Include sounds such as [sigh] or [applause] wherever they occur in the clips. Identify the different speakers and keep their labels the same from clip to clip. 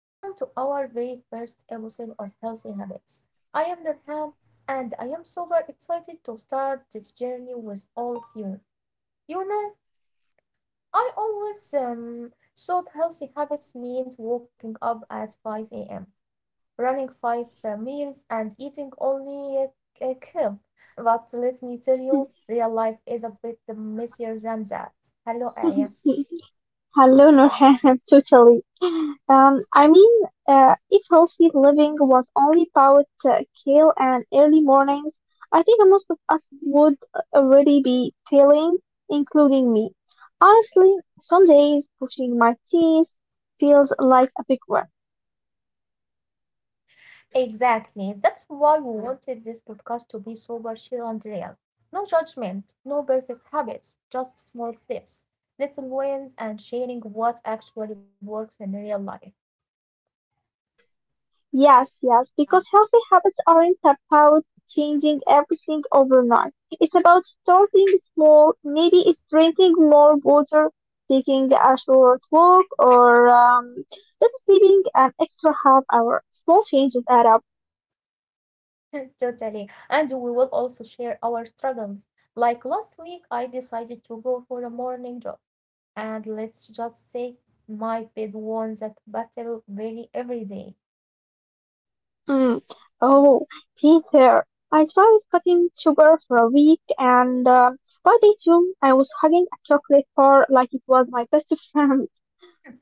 Speaker 1: welcome to our very first episode of Healthy Habits. I am Nurhan and I am super excited to start this journey with all of you. You know, I always thought healthy habits means waking up at 5 a.m., running five meals, and eating only a kale. But let me tell you,
Speaker 2: [laughs]
Speaker 1: real life is a bit messier than that. Hello, I
Speaker 2: Hello, Nurhan, [laughs] totally. I mean, if healthy living was only about kale and early mornings, I think most of us would already be failing, including me. Honestly, some days brushing my teeth feels like a big work.
Speaker 1: exactly. That's why we wanted this podcast to be super chill and real. No judgment, no perfect habits, just small steps, little wins, and sharing what actually works in real life.
Speaker 2: Yes, yes,
Speaker 1: [laughs]
Speaker 2: because healthy habits aren't about changing everything overnight. It's about starting small. Maybe it's drinking more water, taking a short walk, or just sleeping an extra half hour. Small changes add up.
Speaker 1: Totally. And we will also share our struggles. Like last week, I decided to go for a morning jog. And let's just say my bed won that battle really every day.
Speaker 2: Mm. Oh, Peter, I tried cutting sugar for a week, and by day two, I was hugging a chocolate bar like it was my best friend.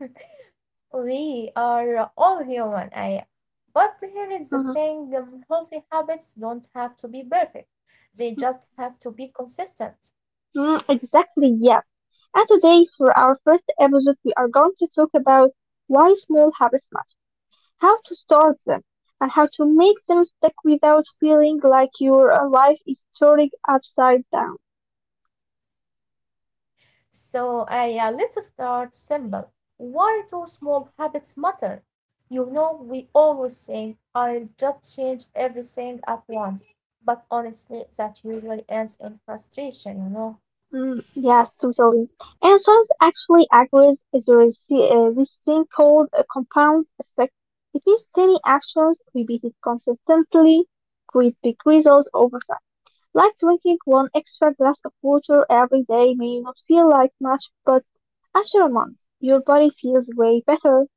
Speaker 1: [laughs] We are all human, Aya. But here is the
Speaker 2: Mhm.
Speaker 1: thing, healthy habits don't have to be perfect, they just
Speaker 2: Mhm.
Speaker 1: have to be consistent.
Speaker 2: Mm, exactly, yes. And today, for our first episode, we are going to talk about why small habits matter, how to start them, and how to make them stick without feeling like your life is turning upside down.
Speaker 1: So, Aya, let's start simple. Why do small habits matter? You know, we always think I'll just change everything at once, but honestly, that usually ends in frustration.
Speaker 2: Mm, yes, totally. And science actually agrees that there is this thing called a compound effect. It is tiny actions repeated consistently create big results over. Like drinking one extra glass of water every day may not feel like much, but after a month, your body feels way better.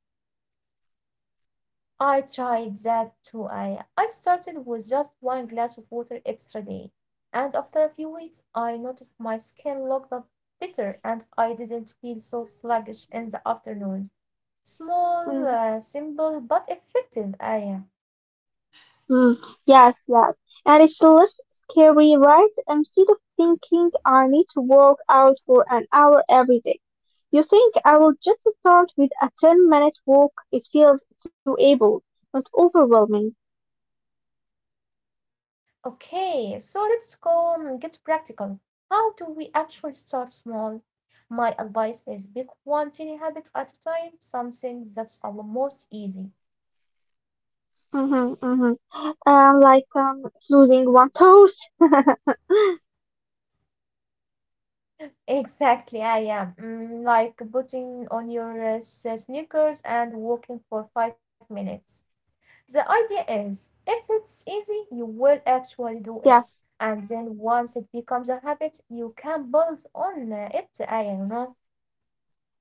Speaker 1: I tried that too. I started with just one glass of water extra day, and after a few weeks I noticed my skin looked a better and I didn't feel so sluggish in the afternoons. Small,
Speaker 2: Mm.
Speaker 1: simple, but effective, Aya.
Speaker 2: Mm. Yes, yes. And it's less scary, right? Instead of thinking I need to work out for an hour every day, you think I will just start with a 10-minute walk. It feels doable, not overwhelming.
Speaker 1: Okay, so let's go get practical. How do we actually start small? My advice is pick one tiny habit at a time, something that's almost easy.
Speaker 2: Mm-hmm, mm-hmm. Like losing one toes.
Speaker 1: Exactly, I am. Mm, like putting on your sneakers and walking for 5 minutes. The idea
Speaker 2: Mm-hmm.
Speaker 1: is, if it's easy, you will
Speaker 2: Yes.
Speaker 1: actually do it. And then once it becomes a habit, you can build on it. I don't know.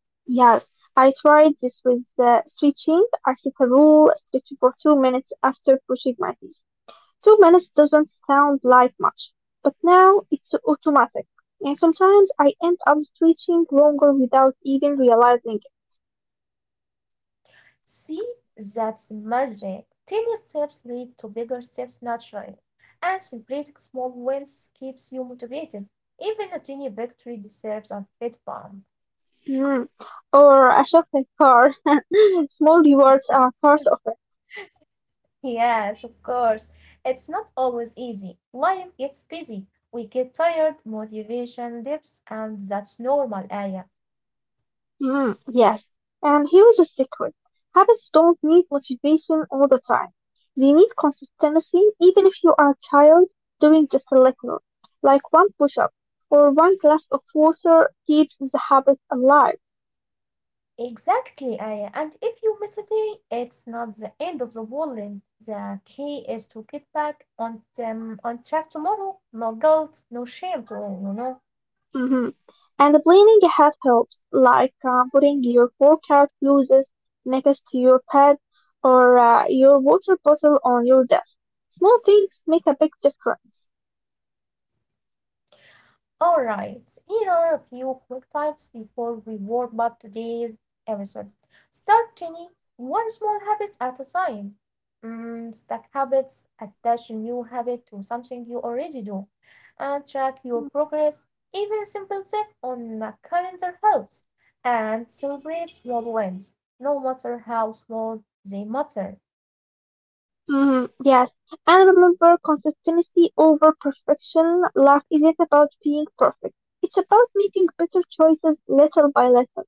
Speaker 2: Yes, I tried this with the stretching. I set a rule, stretch for 2 minutes after brushing my teeth. 2 minutes doesn't sound like much, but now it's automatic. And sometimes I end up stretching longer without even realizing
Speaker 1: See, that's magic. Tiny steps lead to bigger steps naturally. And celebrating small wins keeps you motivated. Even a tiny victory deserves a fist bump.
Speaker 2: it. Mm. Or I shock the car. [laughs] Small rewards are
Speaker 1: [laughs]
Speaker 2: part of it.
Speaker 1: Yes, of course. It's not always easy. Life gets busy. We get tired, motivation dips, and that's normal, Aya.
Speaker 2: Mm, yes. And here is a secret. Habits don't need motivation all the time. They need consistency, even if you are tired, doing just a little, like one push up or one glass of water keeps the habit alive.
Speaker 1: Exactly, Aya. And if you miss a day, it's not the end of the world. The key is to get back on track tomorrow. No guilt, no shame, to you know.
Speaker 2: Hmm. And planning ahead helps, like putting your workout clothes next to your bed or your water bottle on your desk. Small things make a big difference.
Speaker 1: All right, here are a few quick tips before we warm up today's episode. Start tiny, one small habit at a time. Mm, stack habits, attach a new habit to something you already do, and track your
Speaker 2: Mm.
Speaker 1: progress. Even a simple check on a calendar helps, and celebrate small wins, no matter how small they matter.
Speaker 2: Mhm, yes, and remember consistency over perfection. Life isn't about being perfect. It's about making better choices little by little.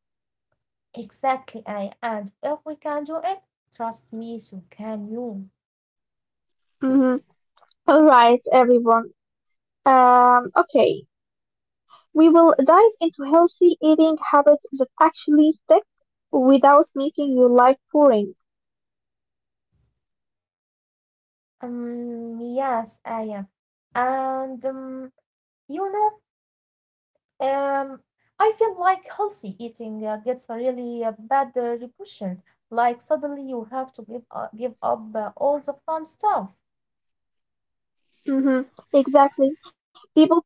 Speaker 1: Exactly, I, and if we can do it, trust me, so can you.
Speaker 2: Mhm. All right, everyone. Okay, we will dive into healthy eating habits that actually stick without making your life boring.
Speaker 1: Yes, I am. And um, you know, um, I feel like healthy eating gets a really bad reputation. Like suddenly you have to give up all the fun stuff.
Speaker 2: Hmm. Exactly. People think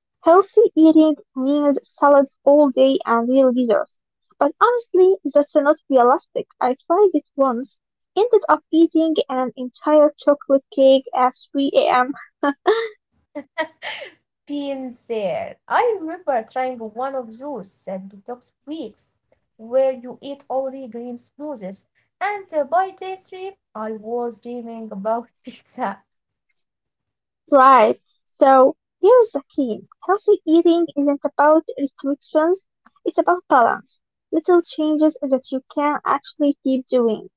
Speaker 2: healthy eating means salads all day and real desserts. But honestly, that's not realistic. I tried it once, ended up eating an entire chocolate cake at 3 a.m.
Speaker 1: [laughs] Been there. I remember trying one of those detox weeks where you eat only green smoothies, and by day three, I was dreaming about [laughs] pizza.
Speaker 2: Right. So here's the key. Healthy eating isn't about restrictions, it's about balance. Little changes that you can actually keep doing.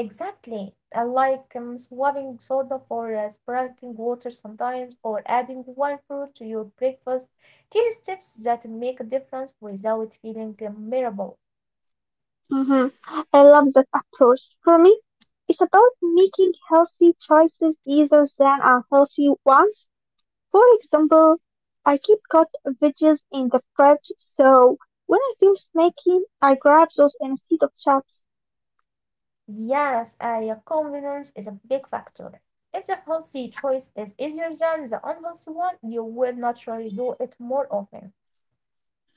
Speaker 1: Exactly. I like swapping soda for sparkling water sometimes, or adding one fruit to your breakfast. Tiny steps that make a difference without feeling miserable.
Speaker 2: Hmm. I love that approach. For me, it's about making healthy choices easier than unhealthy ones. For example, I keep cut veggies in the fridge so when I feel snacky, I grab those instead of chips.
Speaker 1: Yes, yeah, convenience is a big factor. If the healthy choice is easier than the unhealthy one, you will naturally do it more often.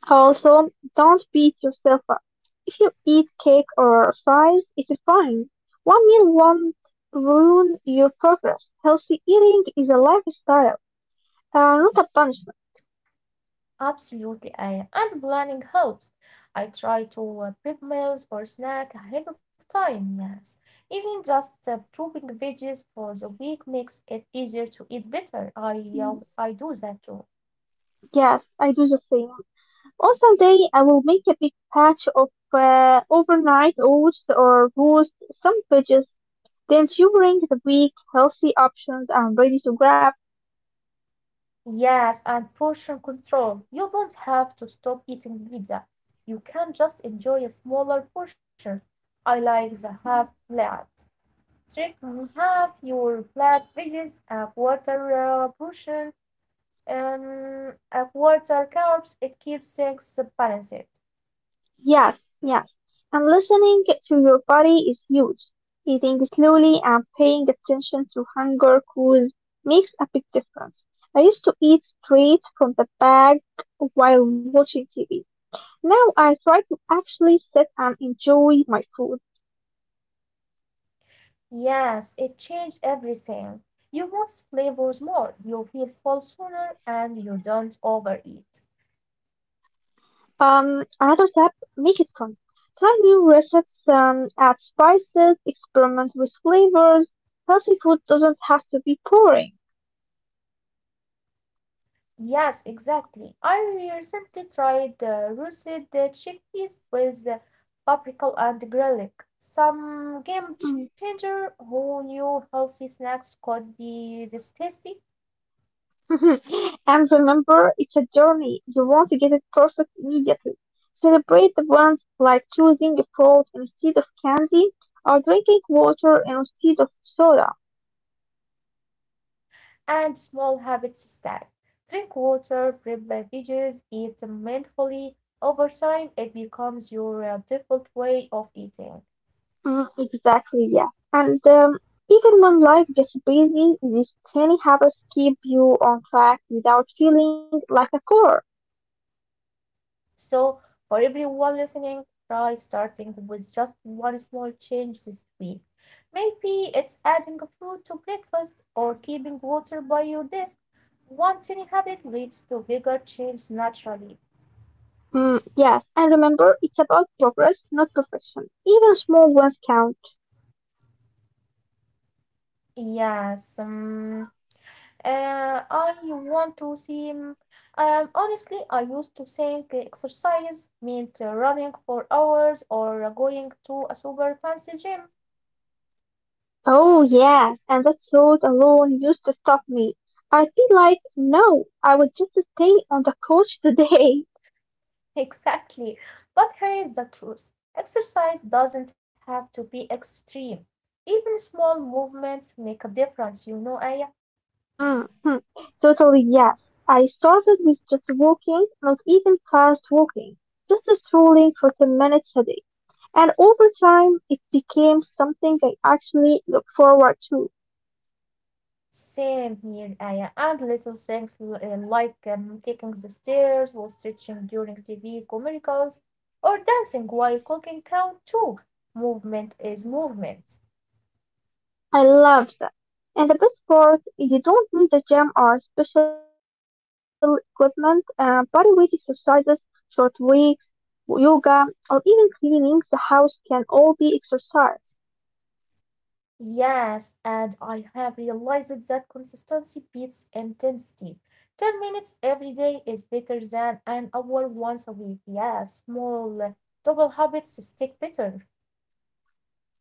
Speaker 2: Also, don't beat yourself up. If you eat cake or fries, it's fine. One meal won't ruin your progress. Healthy eating is a lifestyle, not a punishment.
Speaker 1: Absolutely, I and planning helps. I try to prep meals or snack ahead of time, yes. Even just chopping veggies for the week makes it easier to eat better. I uh,
Speaker 2: Mm,
Speaker 1: I do that too.
Speaker 2: yes, I do the same. On Sunday, I will make a big patch of overnight oats or roast some veggies. Then during the week, healthy options I'm ready to grab.
Speaker 1: Yes, and portion control. You don't have to stop eating pizza. You can just enjoy a smaller portion. I like the half plate trick. Half your plate veggies, a quarter portion a quarter carbs, it keeps things balanced.
Speaker 2: Yes, yes. And listening to your body is huge. Eating slowly and paying attention to hunger cues makes a big difference. I used to eat straight from the bag while watching TV. Now I try to actually sit and enjoy my food.
Speaker 1: Yes, it changed everything. You want flavors more, you feel full sooner, and you don't overeat.
Speaker 2: Another tip, make it fun. Try new recipes, add spices, experiment with flavors. Healthy food doesn't have to be boring.
Speaker 1: Yes, exactly. I recently tried roasted chickpeas with paprika and garlic. Some game
Speaker 2: Mm.
Speaker 1: changer who knew healthy snacks could be this tasty?
Speaker 2: [laughs] And remember, it's a journey. You want to get it perfect immediately. Celebrate the ones like choosing a fruit instead of candy or drinking water instead of soda.
Speaker 1: And small habits stack. Drink water, prep beverages, eat mindfully. Over time, it becomes your default way of eating.
Speaker 2: Mm, exactly, yeah. And even when life gets busy, these tiny habits keep you on track without feeling like a chore.
Speaker 1: So, for everyone listening, try starting with just one small change this week. Maybe it's adding a fruit to breakfast or keeping water by your desk. One tiny habit leads to bigger change naturally.
Speaker 2: Mm, yes, and remember, it's about progress, not perfection. Even small ones count.
Speaker 1: Yes. I want to see. Honestly, I used to think exercise meant running for hours or going to a super fancy gym. [laughs]
Speaker 2: Oh, yes, and that thought alone used to stop me. I feel like, no, I would just stay on the couch today. [laughs]
Speaker 1: Exactly. But here is the truth, exercise doesn't have to be extreme. Even small movements make a difference, you know, Aya.
Speaker 2: Mm, hmm. Totally, yes. I started with just walking, not even fast walking, just strolling for 10 minutes a day. And over time, it became something I actually look forward to.
Speaker 1: Same here, Aya. And little things like taking the stairs or stretching during TV commercials or dancing while cooking count too. Movement is movement.
Speaker 2: I love that. And the best part, you don't need a gym or special equipment, bodyweight exercises, short weeks, yoga, or even cleaning the house can all be exercise.
Speaker 1: Yes, and I have realized that consistency beats intensity. 10 minutes every day is better than an hour once a week. Yes, double habits stick better.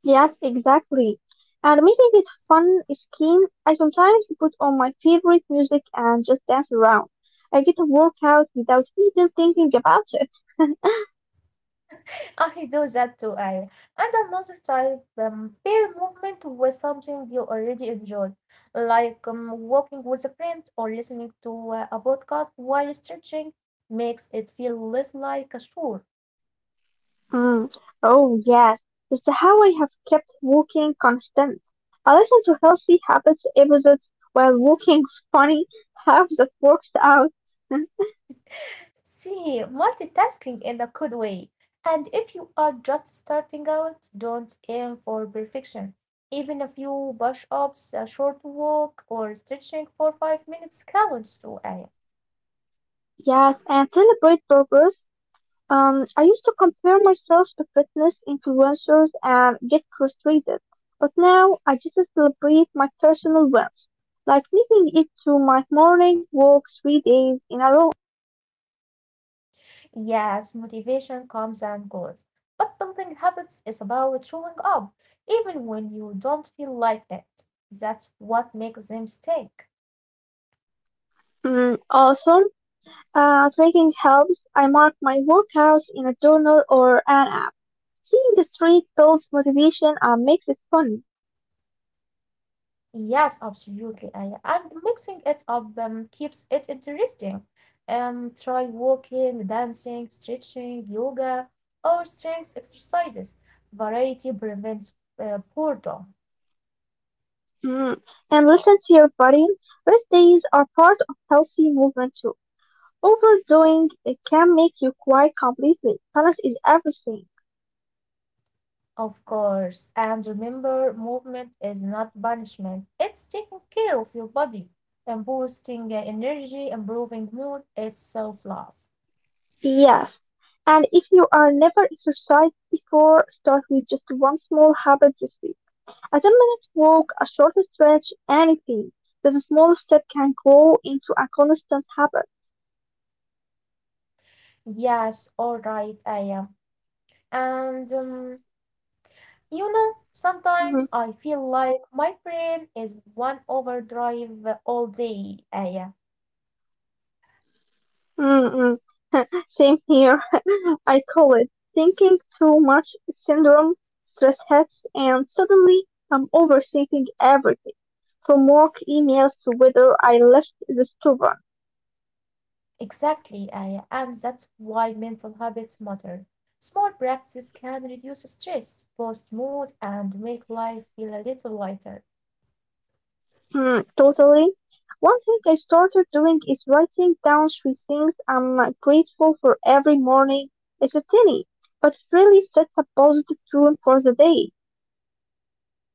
Speaker 2: Yes, exactly. And making it fun is key. I sometimes put on my favorite music and just dance around. I get a workout without even thinking about it.
Speaker 1: I do that too, Aya. And another type, pair movement with something you already enjoy, like walking with a friend or listening to a podcast while stretching makes it feel less like a chore.
Speaker 2: Mm. Oh, yes. It's how I have kept walking constant. I listen to Healthy Habits episodes while walking [laughs] funny half that works out. [laughs]
Speaker 1: See, multitasking in a good way. And if you are just starting out, don't aim for perfection. Even a few push ups, a short walk, or stretching for 5 minutes counts too, Aya.
Speaker 2: Yes, and celebrate progress. I used to compare myself to fitness influencers and get frustrated. But now I just celebrate my personal wins, like making it to my morning walk 3 days in a row.
Speaker 1: Yes, motivation comes and goes, but building habits is about showing up, even when you don't feel like it. That's what makes them stick.
Speaker 2: Mm, also, tracking helps. I mark my workouts in a journal or an app. Seeing the street builds motivation and makes it fun.
Speaker 1: Yes, absolutely. I, and mixing it up keeps it interesting. Try walking, dancing, stretching, yoga, or strength exercises. Variety prevents boredom.
Speaker 2: Mm. And listen to your body. Rest days are part of healthy movement too. Overdoing it can make you quite completely. Balance is everything.
Speaker 1: Of course. And remember, movement is not punishment, it's taking care of your body and boosting energy, improving mood, it's self love.
Speaker 2: Yes. And if you are never exercised before, start with just one small habit this week. A 10-minute walk, a short stretch, anything. That a small step can grow into a constant habit.
Speaker 1: Yes, all right, I am. And You know, sometimes
Speaker 2: Mhm,
Speaker 1: I feel like my brain is one overdrive all day, Aya.
Speaker 2: mm, mm. [laughs] Same here. [laughs] I call it thinking too much syndrome, stress hits, and suddenly I'm overthinking everything. From work emails to whether I left the store.
Speaker 1: Exactly, Aya. And that's why mental habits matter. Small practices can reduce stress, boost mood, and make life feel a little lighter.
Speaker 2: Mm, totally. One thing I started doing is writing down three things I'm grateful for every morning. It's a tiny, but it really sets a positive tone for the day.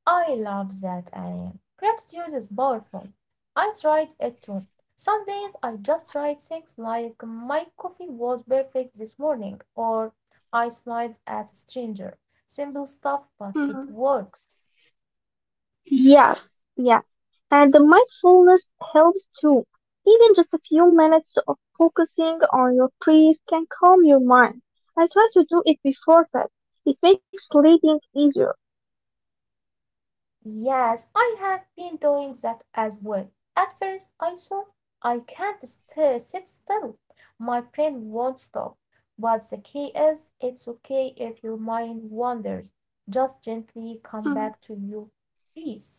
Speaker 1: I love that, Annie. Gratitude is powerful. I tried it too. Some days I just write things like my coffee was perfect this morning or I smiled at a stranger. Simple stuff, but it
Speaker 2: Mm-hmm.
Speaker 1: works.
Speaker 2: Yes, yes. And the mindfulness helps too. Even just a few minutes of focusing on your breath can calm your mind. I try to do it before bed. It makes sleeping easier.
Speaker 1: Yes, I have been doing that as well. At first I thought I can't sit still, my brain won't stop. But the key is it's okay if your mind wanders. Just gently come
Speaker 2: Mhm.
Speaker 1: back to your peace.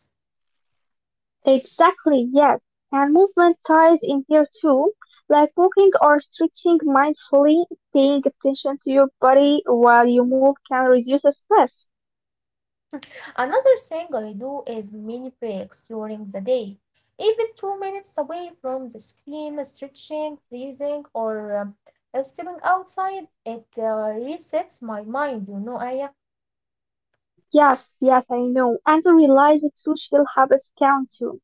Speaker 2: Exactly, yes. And movement ties in here too, like walking or stretching mindfully, paying attention to your body while you move can reduce the stress.
Speaker 1: Another thing I do is mini breaks during the day. Even 2 minutes away from the screen, stretching, breathing, or stepping outside, it resets my mind, you know, Aya.
Speaker 2: Yes, yes, I know. And I realize that social habits count too.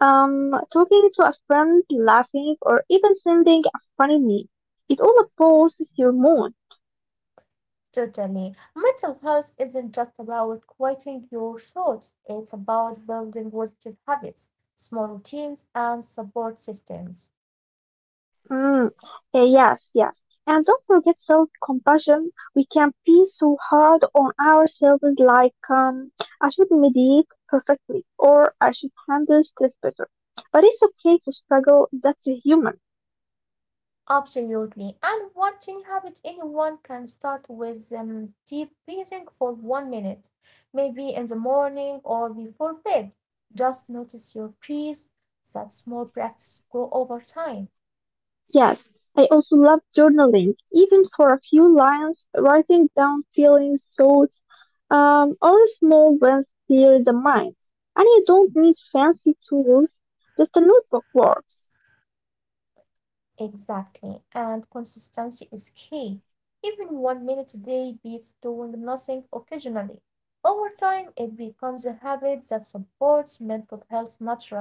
Speaker 2: Talking to a friend, laughing, or even sending a funny meme. It all boosts your mood.
Speaker 1: Totally. Mental health isn't just about quieting your thoughts, it's about building positive habits, small routines, and support systems.
Speaker 2: Mm, yes, yes. And don't forget self-compassion. We can be so hard on ourselves like, I should mediate perfectly, or I should handle stress better. But it's okay to struggle. That's human.
Speaker 1: Absolutely. And one tiny habit anyone can start with deep breathing for 1 minute, maybe in the morning or before bed. Just notice your breath. That small practice grow over time.
Speaker 2: Yes, I also love journaling, even for a few lines, writing down feelings, thoughts, or small wins clears the mind. And you don't need fancy tools, just a notebook works.
Speaker 1: Exactly. And consistency is key. Even 1 minute a day beats doing nothing occasionally. Over time, it becomes a habit that supports mental health naturally.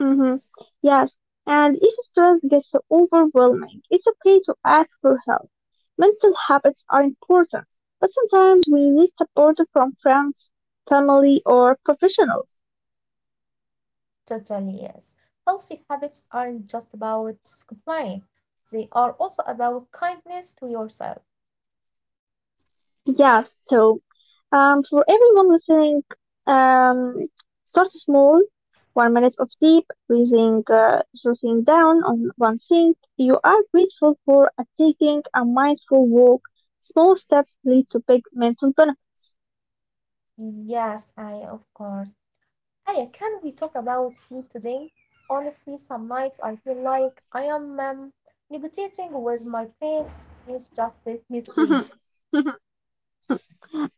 Speaker 2: Mm-hmm. Yes, and if stress gets overwhelming, it's okay to ask for help. Mental habits are important, but sometimes we need support from friends, family, or professionals.
Speaker 1: Totally, yes. Healthy habits aren't just about complying, they are also about kindness to yourself.
Speaker 2: Yeah, so for everyone listening, um, start small, one minute of deep breathing, slowing down on one thing you are grateful for, taking a mindful walk. Small steps lead to big mental benefits.
Speaker 1: Yes, I, of course. Aya, can we talk about sleep today? Honestly, some nights I feel like I am negotiating with my brain. Please just let me sleep.
Speaker 2: [laughs]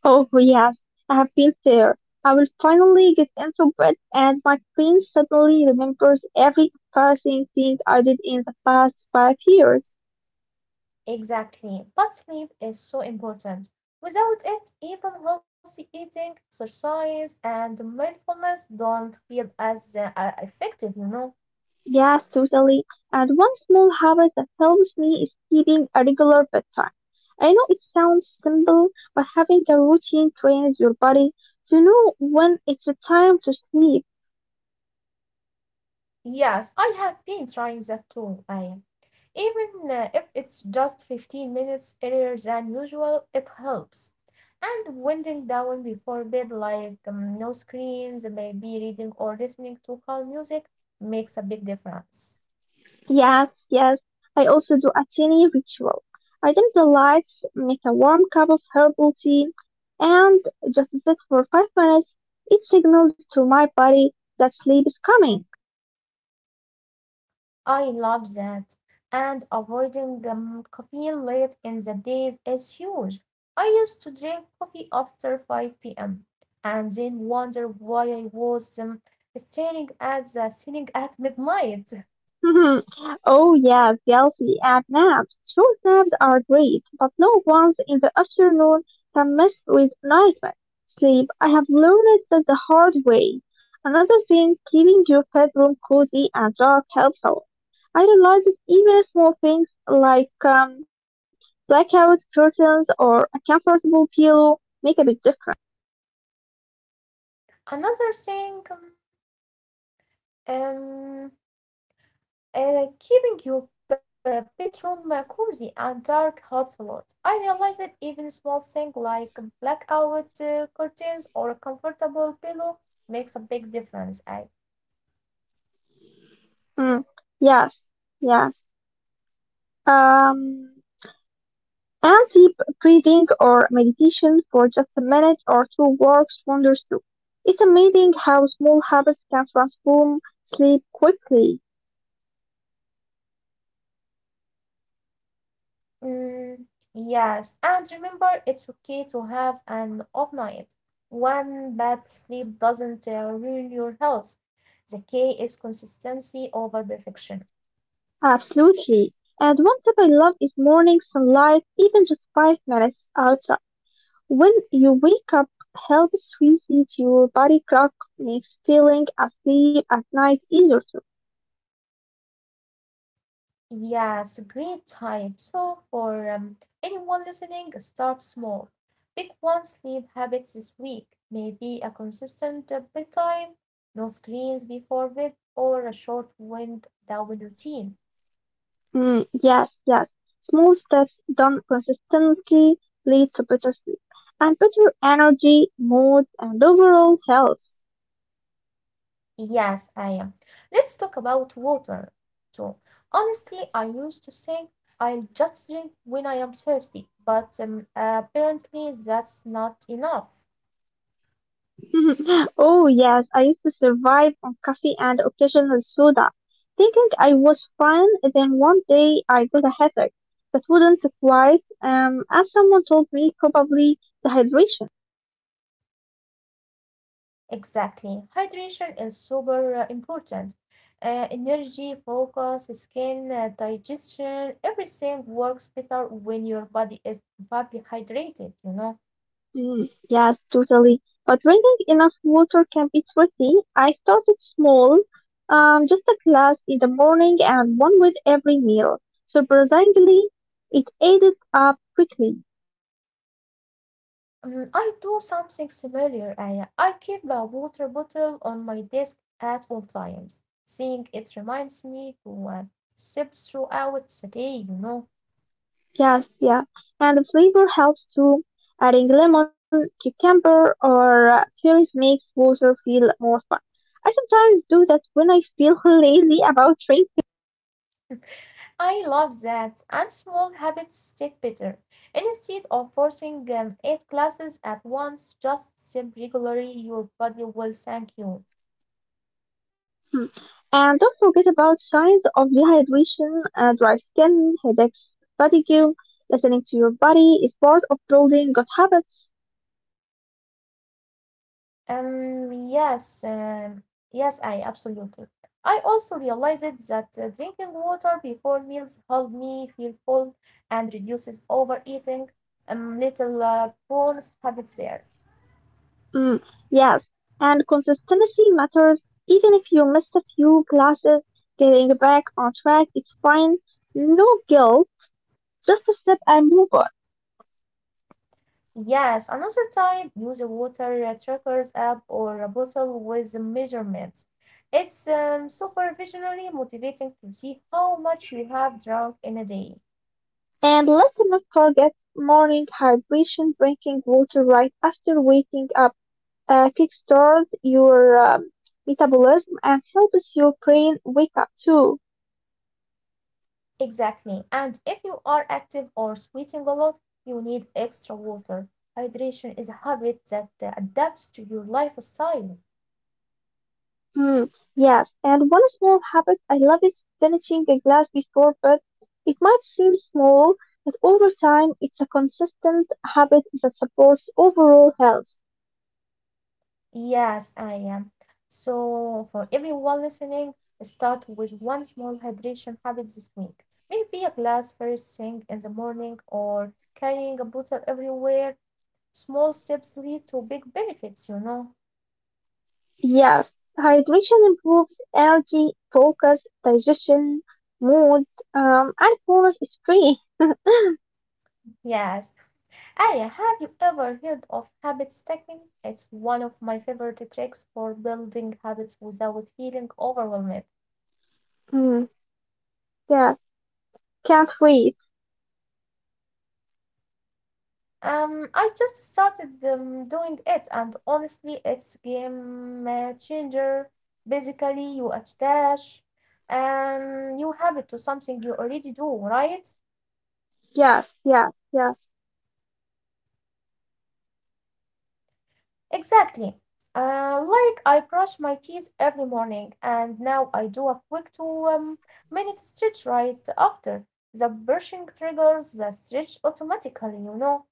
Speaker 2: Oh, yes, I have been there. I will finally get into bed, and my brain suddenly remembers every embarrassing thing I did in the past 5 years.
Speaker 1: Exactly. But sleep is so important. Without it, even healthy eating, exercise, and mindfulness don't feel as effective, you know?
Speaker 2: Yes, totally. And one small habit that helps me is keeping a regular bedtime. I know it sounds simple, but having a routine trains your body to know when it's a time to sleep.
Speaker 1: Yes, I have been trying that too, I. Even if it's just 15 minutes earlier than usual, it helps. And winding down before bed, like no screens, maybe reading or listening to calm music, makes a big difference.
Speaker 2: Yes, yes. I also do a tiny ritual. I dim the lights, make a warm cup of herbal tea, and just sit for 5 minutes. It signals to my body that sleep is coming.
Speaker 1: I love that. And avoiding caffeine late in the days is huge. I used to drink coffee after 5 p.m. and then wonder why I was staring at the ceiling at midnight.
Speaker 2: Mhm. Oh yeah, Delphi and naps. Short naps are great, but long ones in the afternoon can mess with nighttime sleep. I have learned that the hard way. Another thing, keeping your bedroom cozy and dark helps a lot. I realize that even small things like blackout curtains or a comfortable pillow make a big difference.
Speaker 1: [laughs] Another thing, um, Um, Keeping your bedroom cozy and dark helps a lot. I realize that even small things like blackout curtains or a comfortable pillow makes a big difference. I,
Speaker 2: Mm, yes, yes. Um, and deep breathing or meditation for just a minute or two works wonders too. It's amazing how small habits can transform sleep quickly.
Speaker 1: mm, yes, and remember it's okay to have an off night. One bad sleep doesn't ruin your health. The key is consistency over perfection.
Speaker 2: Absolutely. And one tip I love is morning sunlight, even just 5 minutes out. When you wake up, helps reset your body clock, makes falling asleep at night easier too.
Speaker 1: Yes, great time. So, for anyone listening, start small. Pick one sleep habit this week, maybe a consistent bedtime, no screens before bed, or a short wind down routine.
Speaker 2: Mm, yes, yes. Small steps done consistently lead to better sleep and better energy, mood, and overall health.
Speaker 1: Yes, I am. Let's talk about water too. Honestly, I used to think I'll just drink when I am thirsty, but apparently that's not enough.
Speaker 2: [laughs] Oh, yes, I used to survive on coffee and occasional soda, thinking I was fine. Then one day I got a headache that wouldn't quite, as someone told me, probably dehydration.
Speaker 1: Exactly. Hydration is super important. Energy, focus, skin, digestion, everything works better when your body is properly hydrated, you know.
Speaker 2: Mm, yeah, totally. But drinking enough water can be tricky. I started small, just a glass in the morning and one with every meal. So, surprisingly, it added up quickly.
Speaker 1: I do something similar. I keep a water bottle on my desk at all times, seeing it reminds me to sip throughout the day.
Speaker 2: Yes, yeah. And the flavor helps too. Adding lemon, cucumber, or cherries makes water feel more fun. I sometimes do that when I feel [laughs] lazy about drinking.
Speaker 1: [laughs] I love that. And small habits stick better. Instead of forcing eight classes at once, just sip regularly. Your body will thank you.
Speaker 2: Hmm. And don't forget about signs of dehydration, dry skin, headaches, fatigue. Listening to your body is part of building good habits.
Speaker 1: Yes, yes, I absolutely. I also realized that drinking water before meals help me feel full and reduces overeating. Little bonus habits there.
Speaker 2: Hmm. Yes, and consistency matters. Even if you miss a few classes, getting back on track is fine. No guilt, just a step and move on.
Speaker 1: Yes, another type use a water trackers app or a bottle with the measurements. It's supervisionally motivating to see how much you have drunk in a day.
Speaker 2: And let's not forget morning hydration, drinking water right after waking up. Kickstarts your metabolism and helps your brain wake up too.
Speaker 1: Exactly. And if you are active or sweating a lot, you need extra water. Hydration is a habit that adapts to your lifestyle.
Speaker 2: Hmm, yes, and one small habit I love is finishing a glass before bed. It might seem small, but over time it's a consistent habit that supports overall health.
Speaker 1: Yes, I am. So, for everyone listening, start with one small hydration habit this week. Maybe a glass first thing in the morning or carrying a bottle everywhere. Small steps lead to big benefits.
Speaker 2: Yes, hydration improves energy, focus, digestion, mood, and bonus it's free.
Speaker 1: Yes. Aya, have you ever heard of habit stacking? It's one of my favorite tricks for building habits without feeling overwhelmed.
Speaker 2: Hmm, yeah, can't wait.
Speaker 1: I just started doing it, and honestly, it's game changer. Basically, you attach new habit to something you already do, right?
Speaker 2: Yes, yes, yes.
Speaker 1: Exactly. Like I brush my teeth every morning, and now I do a quick two minute stretch right after. The brushing triggers the stretch automatically.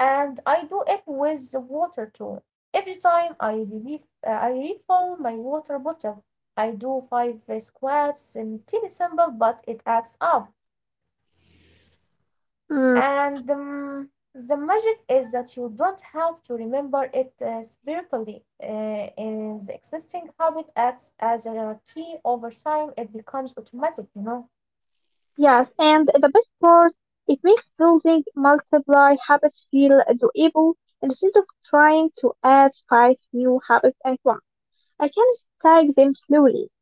Speaker 1: And I do it with the water too. Every time I refill my water bottle, I do five squats and 10 simple, but it adds up.
Speaker 2: Hmm.
Speaker 1: And the magic is that you don't have to remember it spiritually. In the existing habit acts as a key over time. It becomes automatic.
Speaker 2: Yes, and the best part, it makes building multiply habits feel doable instead of trying to add five new habits at once. I can stack them slowly.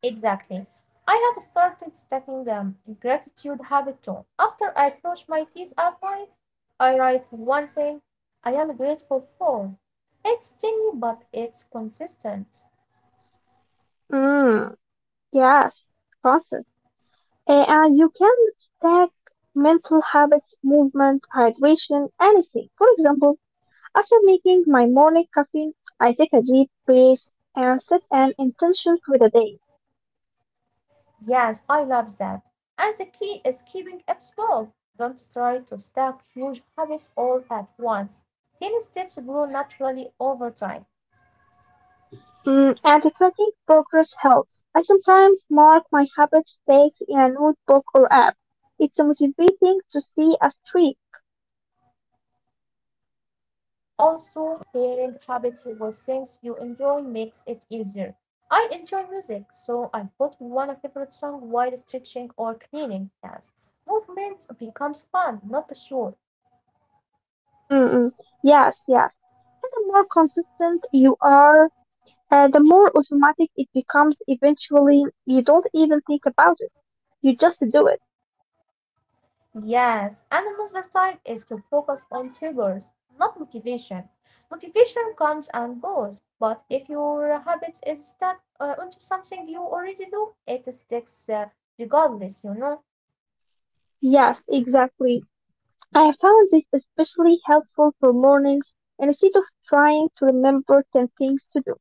Speaker 1: Exactly. I have started stacking gratitude habit too. After I brush my teeth at night, I write one thing I am grateful for. It's tiny but it's consistent.
Speaker 2: Mm, yes, process. And you can stack mental habits, movement, hydration, anything. For example, after making my morning caffeine, I take a deep breath and set an intention for the day.
Speaker 1: Yes, I love that. And the key is keeping it small. Don't try to stack huge habits all at once. Tiny steps grow naturally over time.
Speaker 2: Mm, and tracking progress helps. I sometimes mark my habits daily in a notebook or app. It's motivating to see a streak.
Speaker 1: Also, pairing habits with things you enjoy makes it easier. I enjoy music, so I put one favorite song while stretching or cleaning. Yes, movement becomes fun, not a chore.
Speaker 2: Mm, mm, yes, yes. And the more consistent you are, the more automatic it becomes. Eventually, you don't even think about it. You just do it.
Speaker 1: Yes, and another type is to focus on triggers, not motivation. Motivation comes and goes, but if your habits is stuck onto something you already do, it sticks regardless.
Speaker 2: Yes, exactly. I have found this especially helpful for mornings. And instead of trying to remember 10 things to do,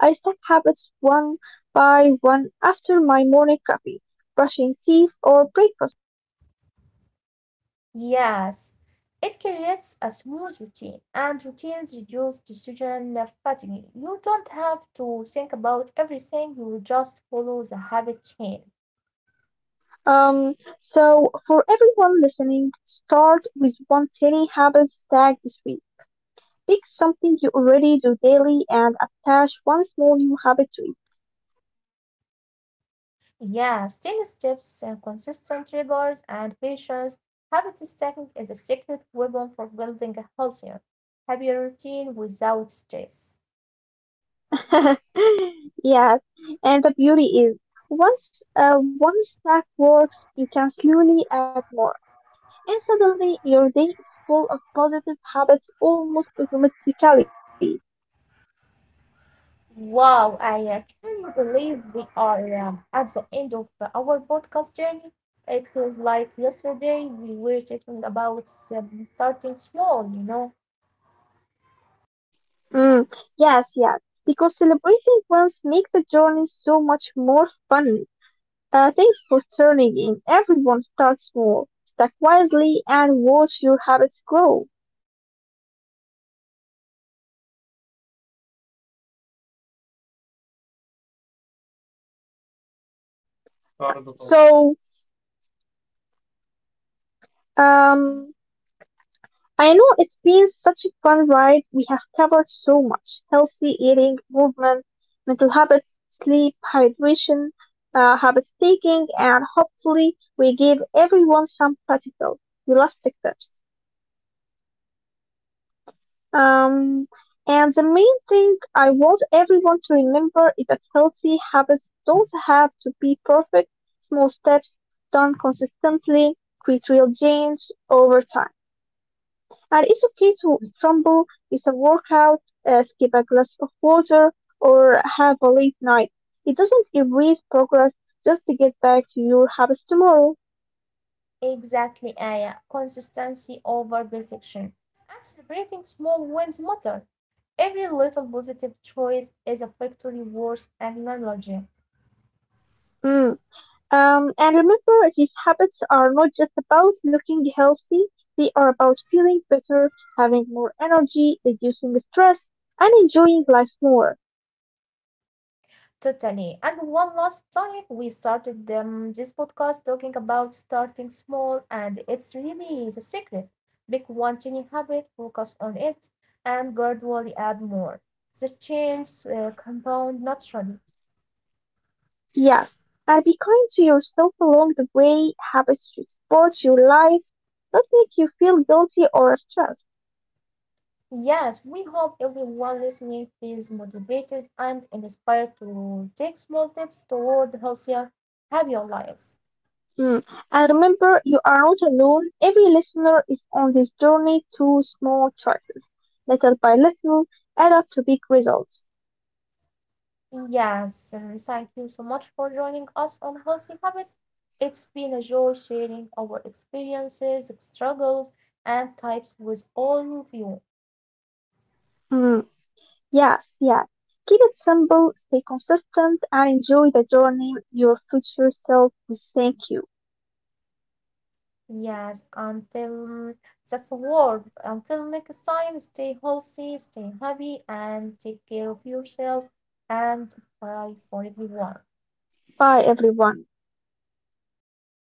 Speaker 2: I start habits one by one after my morning coffee, brushing teeth, or breakfast.
Speaker 1: Yes, it creates a smooth routine, and routines reduce decision fatigue. You don't have to think about everything, you just follow the habit chain.
Speaker 2: So, for everyone listening, start with one tiny habit stack this week. Pick something you already do daily and attach one small new habit
Speaker 1: Yes, 10 steps, consistent triggers, and patience. Habit stacking is a secret weapon for building a healthier, happier routine without stress.
Speaker 2: to it. [laughs] Yes, and the beauty is once one stack works, you can slowly add more. And suddenly, your day is full of positive habits almost automatically.
Speaker 1: Wow, Aya, can you believe we are at the end of our podcast journey? It feels like yesterday we were talking about starting small?
Speaker 2: Mm, yes, yes. Because celebrating wins makes the journey so much more fun. Thanks for turning in. Everyone start small, start wisely, and watch your habits grow. So, um, I know it's been such a fun ride. We have covered so much: healthy eating, movement, mental habits, sleep, hydration, habit taking, and hopefully we gave everyone some practical, realistic tips. Um, and the main thing I want everyone to remember is that healthy habits don't have to be perfect. Small steps done consistently create real change over time. And it's okay to stumble, miss a workout, skip a glass of water, or have a late night. It doesn't erase progress just to get back to your habits tomorrow.
Speaker 1: Exactly, Aya. Consistency over perfection. And celebrating small wins matter. Every little positive choice is a victory worth acknowledging.
Speaker 2: Mm. And remember, these habits are not just about looking healthy, they are about feeling better, having more energy, reducing stress, and enjoying life more.
Speaker 1: Totally. And one last time, we started this podcast talking about starting small, and it's really the secret. Pick one tiny habit, focus on it, and gradually add more. The change compound naturally.
Speaker 2: Yes, and be kind to yourself along the way. Habits should support your life, not make you feel guilty or stressed.
Speaker 1: Yes, we hope everyone listening feels motivated and inspired to take small steps toward healthier, happier lives.
Speaker 2: Mm. And remember, you are not alone. Every listener is on this journey through small choices, little by little, add up to big results.
Speaker 1: Yes, and thank you so much for joining us on Healthy Habits. It's been a joy sharing our experiences, struggles, and types with all of you.
Speaker 2: Mm. Yes, yes. Keep it simple, stay consistent, and enjoy the journey. Your future self will thank you.
Speaker 1: Yes, until that's all. Until next time, stay healthy, stay happy, and take care of yourself. And bye for everyone.
Speaker 2: Bye, everyone. See you.